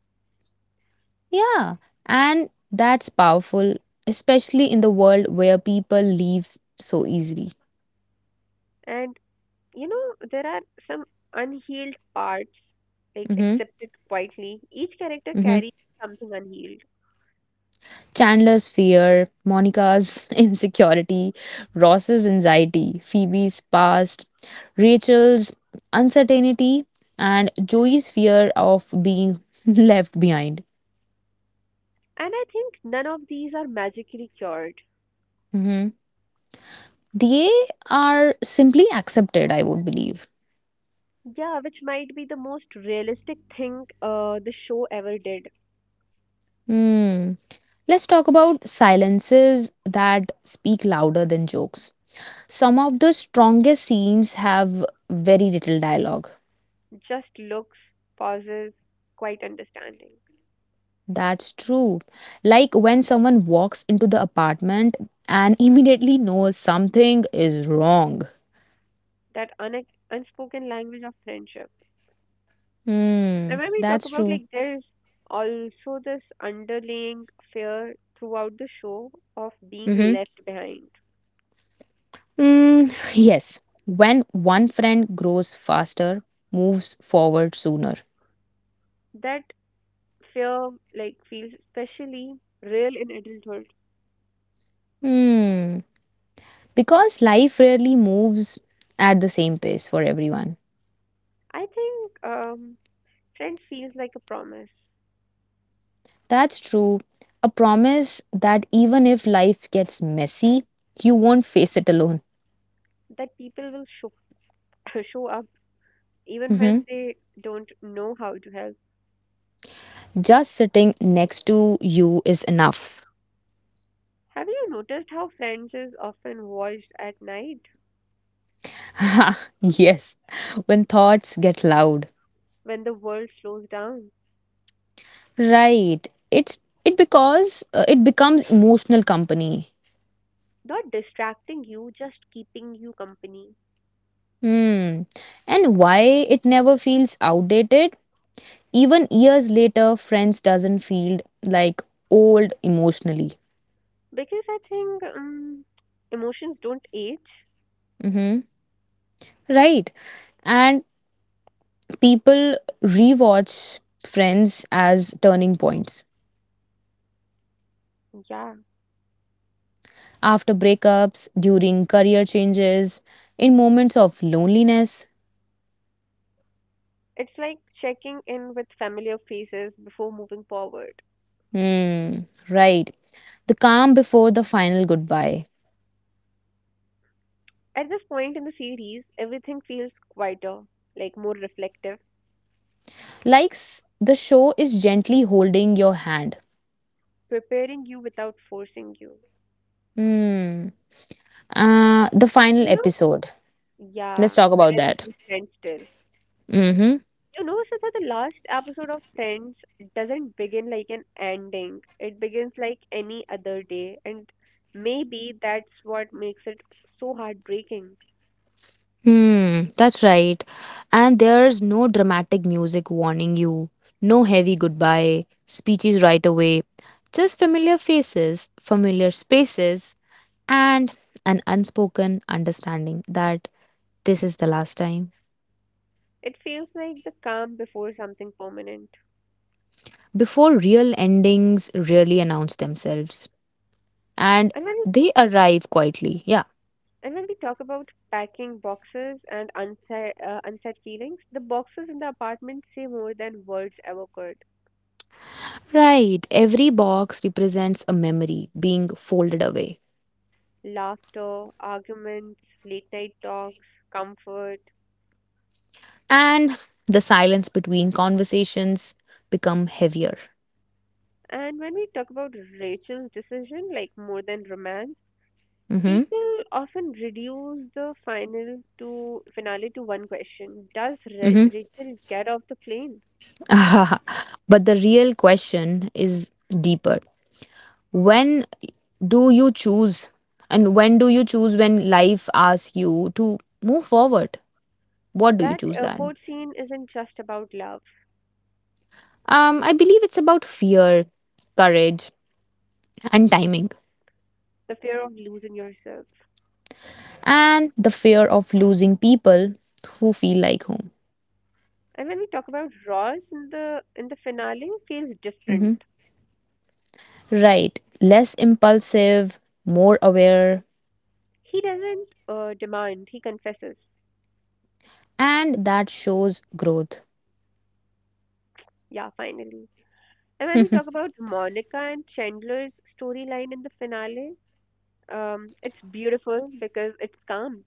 [SPEAKER 2] Yeah. And that's powerful, especially in the world where people leave so easily.
[SPEAKER 1] And you know, there are some unhealed parts, like
[SPEAKER 2] Mm-hmm.
[SPEAKER 1] accepted quietly. Each character
[SPEAKER 2] Mm-hmm.
[SPEAKER 1] carries something unhealed.
[SPEAKER 2] Chandler's fear, Monica's *laughs* insecurity, Ross's anxiety, Phoebe's past, Rachel's uncertainty, and Joey's fear of being *laughs* left behind.
[SPEAKER 1] And I think none of these are magically cured.
[SPEAKER 2] Mhm. They are simply accepted, I would believe.
[SPEAKER 1] Yeah, which might be the most realistic thing the show ever did.
[SPEAKER 2] Hmm. Let's talk about silences that speak louder than jokes. Some of the strongest scenes have very little dialogue.
[SPEAKER 1] Just looks, pauses, quite understanding.
[SPEAKER 2] That's true. Like when someone walks into the apartment and *laughs* immediately knows something is wrong.
[SPEAKER 1] That unspoken language of friendship.
[SPEAKER 2] Hmm,
[SPEAKER 1] And when we talk
[SPEAKER 2] that's
[SPEAKER 1] about
[SPEAKER 2] true.
[SPEAKER 1] like there's also this underlying fear throughout the show of being
[SPEAKER 2] Mm-hmm.
[SPEAKER 1] left behind.
[SPEAKER 2] Mm, *sighs* yes. When one friend grows faster, moves forward sooner.
[SPEAKER 1] That fear like feels especially real in adulthood.
[SPEAKER 2] Hmm. Because life rarely moves at the same pace for everyone.
[SPEAKER 1] I think friends feels like a promise
[SPEAKER 2] That's true. A promise that even if life gets messy, you won't face it alone.
[SPEAKER 1] that people will show, *laughs* show up even when they don't know how to help.
[SPEAKER 2] Just sitting next to you is enough. *laughs*
[SPEAKER 1] Have you noticed how Friends is often watched at night
[SPEAKER 2] Yes, when thoughts get loud.
[SPEAKER 1] when the world slows down?
[SPEAKER 2] Right. It's it because it becomes emotional company.
[SPEAKER 1] Not distracting you, just keeping you company.
[SPEAKER 2] Hmm. And why it never feels outdated? Even years later, friends doesn't feel like old emotionally.
[SPEAKER 1] Because I think emotions don't age.
[SPEAKER 2] Mm-hmm. Right. And people rewatch friends as turning points.
[SPEAKER 1] Yeah.
[SPEAKER 2] After breakups, during career changes, in moments of loneliness.
[SPEAKER 1] It's like checking in with familiar faces before moving forward.
[SPEAKER 2] Hmm, right. The calm before the final goodbye.
[SPEAKER 1] At this point in the series, everything feels quieter, like more reflective,
[SPEAKER 2] Like the show is gently holding your hand.
[SPEAKER 1] preparing you without forcing you.
[SPEAKER 2] Hmm. The final
[SPEAKER 1] You know
[SPEAKER 2] episode.
[SPEAKER 1] Yeah,
[SPEAKER 2] Let's talk
[SPEAKER 1] when
[SPEAKER 2] about that.
[SPEAKER 1] everything stands still.
[SPEAKER 2] Mm-hmm.
[SPEAKER 1] You know, so that the last episode of Friends doesn't begin like an ending. It begins like any other day, and maybe that's what makes it so heartbreaking.
[SPEAKER 2] Hmm, that's right. And there's no dramatic music warning you, no heavy goodbye, speeches right away, just familiar faces, familiar spaces, and an unspoken understanding that this is the last time.
[SPEAKER 1] It feels like the calm before something permanent.
[SPEAKER 2] Before real endings really announce themselves, and
[SPEAKER 1] And when we
[SPEAKER 2] they arrive quietly. Yeah,
[SPEAKER 1] and when we talk about packing boxes and unsaid feelings, the boxes in the apartment say more than words ever could.
[SPEAKER 2] right. Every box represents a memory being folded away,
[SPEAKER 1] Laughter, arguments, late night talks, comfort.
[SPEAKER 2] and the silence between conversations become heavier.
[SPEAKER 1] And when we talk about Rachel's decision, like more than romance,
[SPEAKER 2] Mm-hmm.
[SPEAKER 1] people often reduce the finale to one question: does Rachel get off the plane?
[SPEAKER 2] Mm-hmm. *laughs* But the real question is deeper. When do you choose and when do you choose, when life asks you to move forward, what do you
[SPEAKER 1] That
[SPEAKER 2] choose then?
[SPEAKER 1] airport scene isn't just about love,
[SPEAKER 2] I believe it's about fear, courage, and timing
[SPEAKER 1] the fear of losing yourself.
[SPEAKER 2] and the fear of losing people who feel like home.
[SPEAKER 1] And when we talk about Ross in the finale, feels
[SPEAKER 2] Mhm.
[SPEAKER 1] different.
[SPEAKER 2] Right, less impulsive, more aware.
[SPEAKER 1] He doesn't demand; he confesses.
[SPEAKER 2] And that shows growth.
[SPEAKER 1] Yeah, finally. And when we talk about Monica and Chandler's storyline in the finale, it's beautiful because it's calm,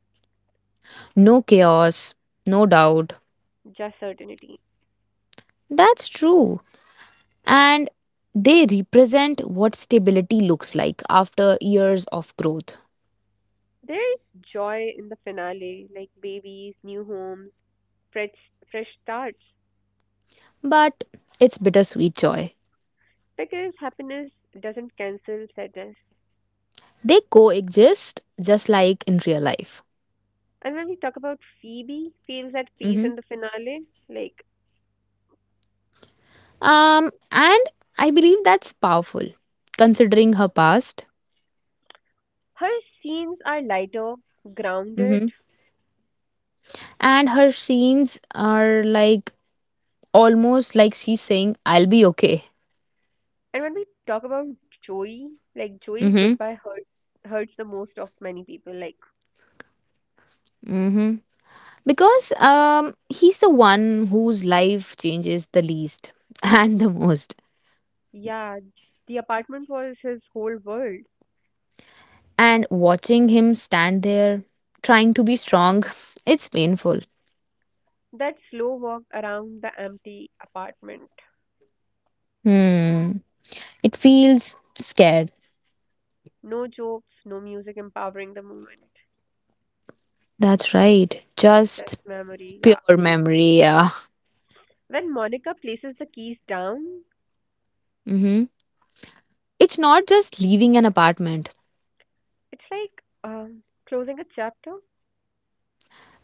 [SPEAKER 2] No chaos, no doubt.
[SPEAKER 1] just certainty.
[SPEAKER 2] That's true. And they represent what stability looks like after years of growth.
[SPEAKER 1] There's joy in the finale, like babies, new homes, fresh, fresh starts,
[SPEAKER 2] But it's bittersweet joy.
[SPEAKER 1] because happiness doesn't cancel sadness.
[SPEAKER 2] They coexist just like in real life.
[SPEAKER 1] And when we talk about Phoebe, feels at peace
[SPEAKER 2] Mhm.
[SPEAKER 1] in the finale. Like
[SPEAKER 2] And I believe that's powerful considering her past.
[SPEAKER 1] her scenes are lighter, grounded.
[SPEAKER 2] Mhm. And her scenes are like almost like she's saying, I'll be okay.
[SPEAKER 1] And when we talk about Joey, like Joey's
[SPEAKER 2] Hmm.
[SPEAKER 1] goodbye hurts the most of many people. Like
[SPEAKER 2] Hmm. Because he's the one whose life changes the least *laughs* and the most.
[SPEAKER 1] yeah, the apartment was his whole world.
[SPEAKER 2] And watching him stand there trying to be strong, it's painful.
[SPEAKER 1] That slow walk around the empty apartment.
[SPEAKER 2] Hmm. It feels scared.
[SPEAKER 1] No jokes, no music empowering the moment.
[SPEAKER 2] That's right.
[SPEAKER 1] Just
[SPEAKER 2] Just
[SPEAKER 1] memory, yeah.
[SPEAKER 2] pure memory, yeah.
[SPEAKER 1] When Monica places the keys down,
[SPEAKER 2] Mm-hmm. It's not just leaving an apartment,
[SPEAKER 1] it's like um, closing a chapter.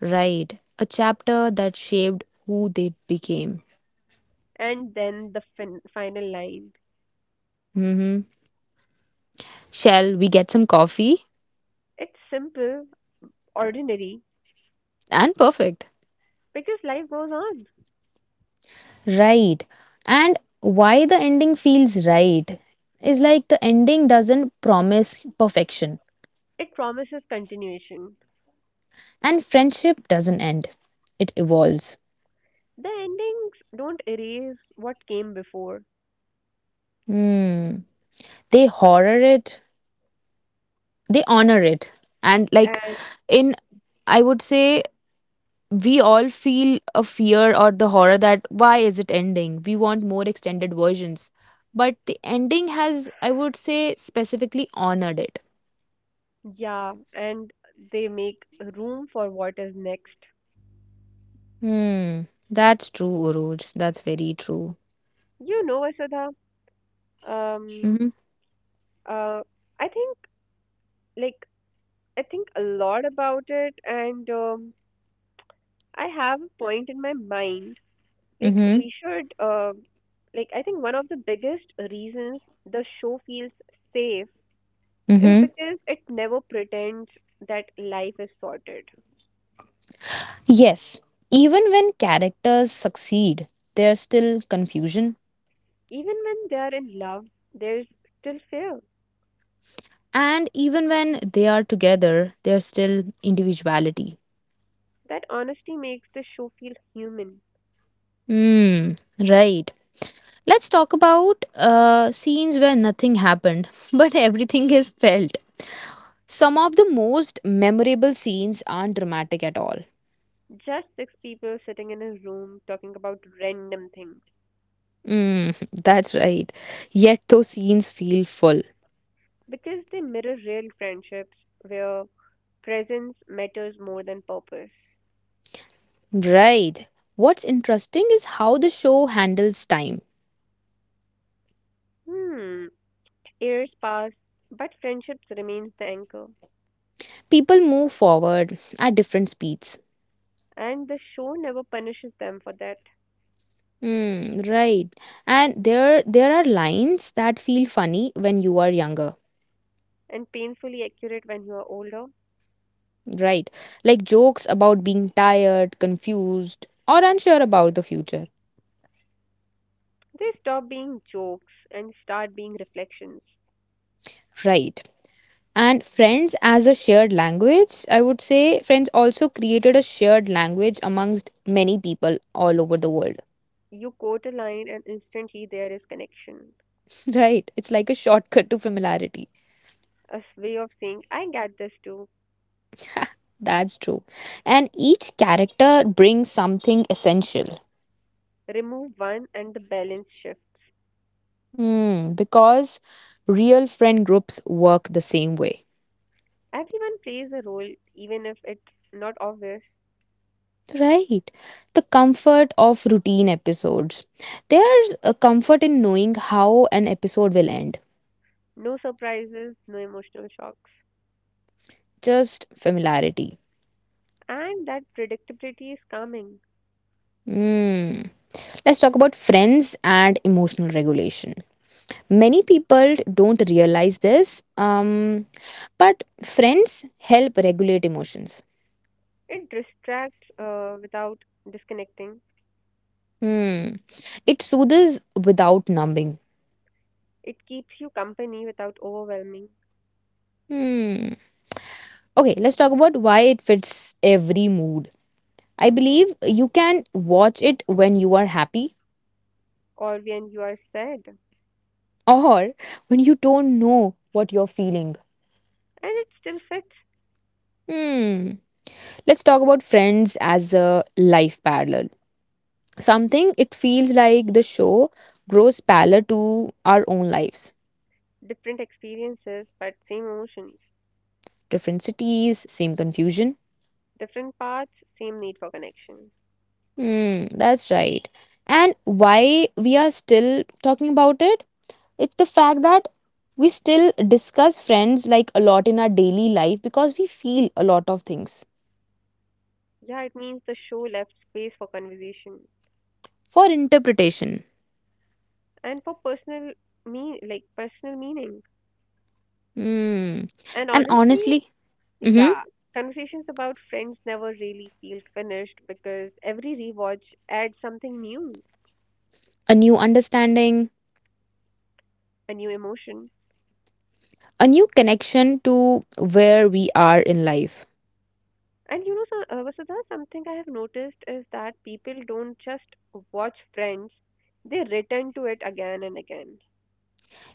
[SPEAKER 2] right? A chapter that shaped who they became.
[SPEAKER 1] And then the final line.
[SPEAKER 2] Mm-hmm. Shall we get some coffee?
[SPEAKER 1] It's simple, ordinary,
[SPEAKER 2] And perfect.
[SPEAKER 1] because life goes on.
[SPEAKER 2] Right. And why the ending feels right is like the ending doesn't promise perfection.
[SPEAKER 1] It promises continuation.
[SPEAKER 2] And friendship doesn't end, it evolves.
[SPEAKER 1] The endings don't erase what came before.
[SPEAKER 2] Hmm. They horror it, they honor it. And like
[SPEAKER 1] And,
[SPEAKER 2] in, I would say, we all feel a fear or the horror that why is it ending? We want more extended versions. But the ending has, I would say, specifically honored it.
[SPEAKER 1] yeah, and they make room for what is next.
[SPEAKER 2] Hmm. That's true, Uruj. That's very true.
[SPEAKER 1] You know, Vasudha, Um,
[SPEAKER 2] Mm-hmm.
[SPEAKER 1] uh, I think like I think a lot about it, and I have a point in my mind. Like
[SPEAKER 2] Mm-hmm.
[SPEAKER 1] we should, like I think one of the biggest reasons the show feels safe is
[SPEAKER 2] Mm-hmm.
[SPEAKER 1] because it never pretends that life is sorted.
[SPEAKER 2] Yes. Even when characters succeed, there's still confusion.
[SPEAKER 1] Even when they are in love, there's still fear.
[SPEAKER 2] And even when they are together, there's still individuality.
[SPEAKER 1] That honesty makes the show feel human.
[SPEAKER 2] Hmm, right. Let's talk about scenes where nothing happened, *laughs* but everything is felt. Some of the most memorable scenes aren't dramatic at all.
[SPEAKER 1] Just six people sitting in a room talking about random things
[SPEAKER 2] Mm, *laughs* that's right. Yet those scenes feel full.
[SPEAKER 1] because they mirror real friendships where presence matters more than purpose.
[SPEAKER 2] Right. What's interesting is how the show handles time.
[SPEAKER 1] Hmm, years pass, but friendships remains the anchor,
[SPEAKER 2] People move forward at different speeds.
[SPEAKER 1] and the show never punishes them for that.
[SPEAKER 2] Mm, right. And there are lines that feel funny when you are younger,
[SPEAKER 1] And painfully accurate when you are older,
[SPEAKER 2] right? Like jokes about being tired, confused, or unsure about the future.
[SPEAKER 1] they stop being jokes and start being reflections.
[SPEAKER 2] Right. And friends as a shared language, I would say friends also created a shared language amongst many people all over the world.
[SPEAKER 1] You quote a line, and instantly there is connection.
[SPEAKER 2] *laughs* Right. It's like a shortcut to familiarity.
[SPEAKER 1] A way of saying, I get this too.
[SPEAKER 2] That's true. And each character brings something essential.
[SPEAKER 1] Remove one, and the balance shifts.
[SPEAKER 2] Hmm, because real friend groups work the same way.
[SPEAKER 1] Everyone plays a role, even if it's not obvious.
[SPEAKER 2] Right. The comfort of routine episodes. There's a comfort in knowing how an episode will end.
[SPEAKER 1] No surprises, no emotional shocks.
[SPEAKER 2] Just familiarity.
[SPEAKER 1] And that predictability is calming.
[SPEAKER 2] Hmm. Let's talk about friends and emotional regulation. Many people don't realize this, but friends help regulate emotions.
[SPEAKER 1] It distracts without disconnecting.
[SPEAKER 2] Hmm. It soothes without numbing.
[SPEAKER 1] It keeps you company without overwhelming
[SPEAKER 2] Hmm. Okay, let's talk about why it fits every mood. I believe you can watch it when you are happy
[SPEAKER 1] or when you are sad. And
[SPEAKER 2] or when you don't know what you're feeling.
[SPEAKER 1] it still fits
[SPEAKER 2] Hmm. Let's talk about friends as a life parallel. Something it feels like the show grows parallel to our own lives.
[SPEAKER 1] different experiences but same emotions.
[SPEAKER 2] Different cities, same confusion.
[SPEAKER 1] Different paths, same need for connection.
[SPEAKER 2] Hmm, that's right. And why we are still talking about it? It's the fact that we still discuss friends like a lot in our daily life because we feel a lot of things
[SPEAKER 1] Yeah, it means the show left space for conversation
[SPEAKER 2] for interpretation.
[SPEAKER 1] and for personal me like personal meaning.
[SPEAKER 2] Hmm.
[SPEAKER 1] And
[SPEAKER 2] And
[SPEAKER 1] honestly,
[SPEAKER 2] honestly, hmm,
[SPEAKER 1] yeah, conversations about friends never really feel finished because every rewatch adds something new,
[SPEAKER 2] a new understanding,
[SPEAKER 1] a new emotion.
[SPEAKER 2] a new connection to where we are in life.
[SPEAKER 1] And you know, so, Vasudha, something I have noticed is that people don't just watch Friends, they return to it again and again.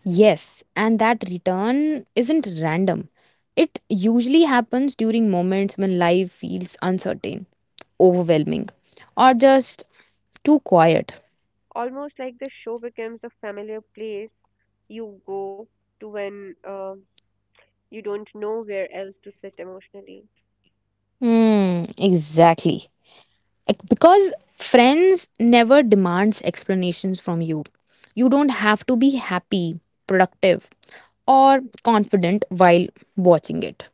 [SPEAKER 2] Yes, and that return isn't random. It usually happens during moments when life feels uncertain, overwhelming, or just too quiet.
[SPEAKER 1] Almost like the show becomes a familiar place you go to when you don't know where else to sit emotionally.
[SPEAKER 2] Hmm, exactly. Like, because friends never demands explanations from you, you don't have to be happy, productive, or confident while watching it.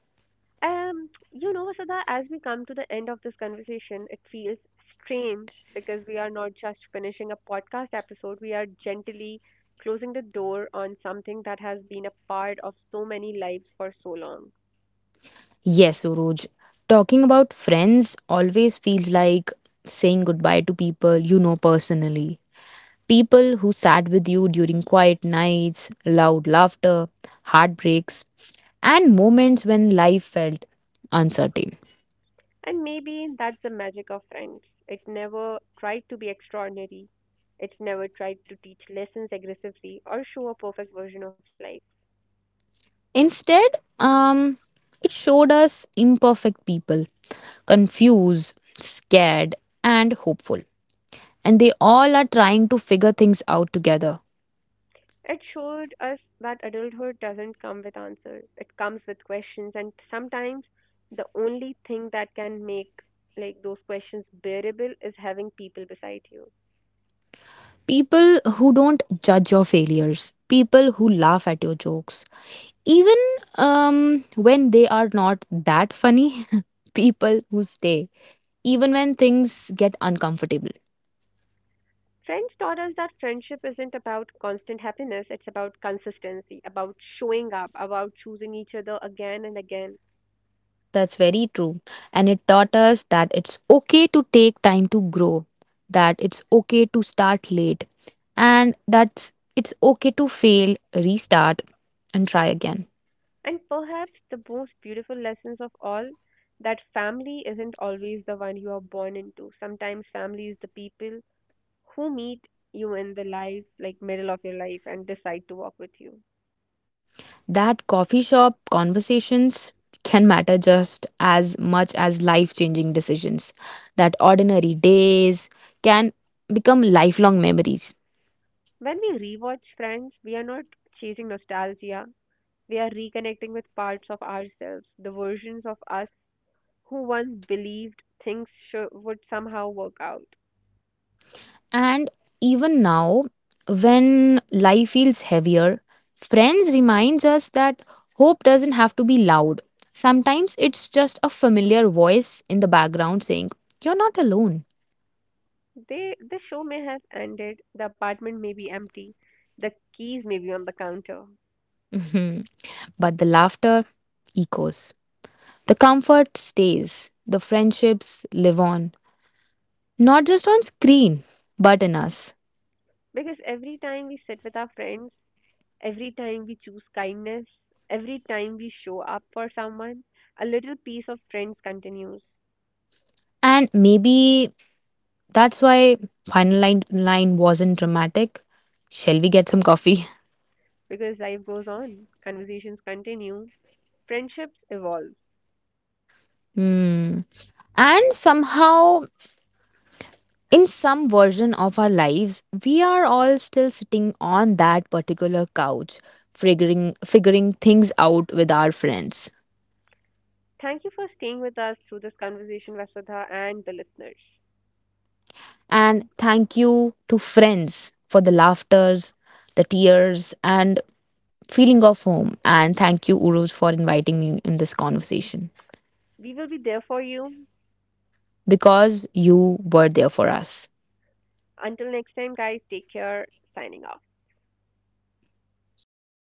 [SPEAKER 1] You know, Vasudha, as we come to the end of this conversation, it feels strange because we are not just finishing a podcast episode, we are gently closing the door on something that has been a part of so many lives for so long.
[SPEAKER 2] Yes, Suraj. Talking about friends always feels like saying goodbye to people you know personally, people who sat with you during quiet nights, loud laughter, heartbreaks, and moments when life felt uncertain.
[SPEAKER 1] And maybe that's the magic of Friends. It never tried to be extraordinary, it never tried to teach lessons aggressively or show a perfect version of life.
[SPEAKER 2] Instead, it showed us imperfect people, confused, scared, and hopeful. And they all are trying to figure things out together.
[SPEAKER 1] It showed us that adulthood doesn't come with answers. It comes with questions, and sometimes the only thing that can make like those questions bearable is having people beside you.
[SPEAKER 2] People who don't judge your failures, people who laugh at your jokes, even when they are not that funny, *laughs* people who stay, even when things get uncomfortable.
[SPEAKER 1] Friends taught us that friendship isn't about constant happiness, it's about consistency, about showing up, about choosing each other again and again.
[SPEAKER 2] That's very true. And it taught us that it's okay to take time to grow, that it's okay to start late, and that it's okay to fail, restart, and try again.
[SPEAKER 1] And perhaps the most beautiful lessons of all that family isn't always the one you are born into. Sometimes family is the people who meet you in the life, like middle of your life, and decide to walk with you.
[SPEAKER 2] That coffee shop conversations can matter just as much as life changing decisions. That ordinary days can become lifelong memories.
[SPEAKER 1] When we rewatch Friends, we are not chasing nostalgia, we are reconnecting with parts of ourselves, the versions of us who once believed things sho would somehow work out.
[SPEAKER 2] And even now, when life feels heavier, Friends reminds us that hope doesn't have to be loud. Sometimes it's just a familiar voice in the background saying, you're not alone.
[SPEAKER 1] They, the show may have ended, the apartment may be empty, the keys may be on the counter.
[SPEAKER 2] *laughs* Mhm. But the laughter echoes. The comfort stays. The friendships live on. Not just on screen, but in us.
[SPEAKER 1] Because every time we sit with our friends, every time we choose kindness, every time we show up for someone, a little piece of friends continues
[SPEAKER 2] And maybe that's why final line, line wasn't dramatic. Shall we get some coffee? *laughs*
[SPEAKER 1] because life goes on, conversations continue, friendships evolve.
[SPEAKER 2] Hmm. And somehow, in some version of our lives, we are all still sitting on that particular couch, figuring things out with our friends.
[SPEAKER 1] Thank you for staying with us through this conversation, Vasudha, and the listeners.
[SPEAKER 2] And thank you to friends for the laughters, the tears, and feeling of home. And thank you, Uruj, for inviting me in this conversation
[SPEAKER 1] We will be there for you.
[SPEAKER 2] because you were there for us.
[SPEAKER 1] Until next time, guys, take care. Signing off.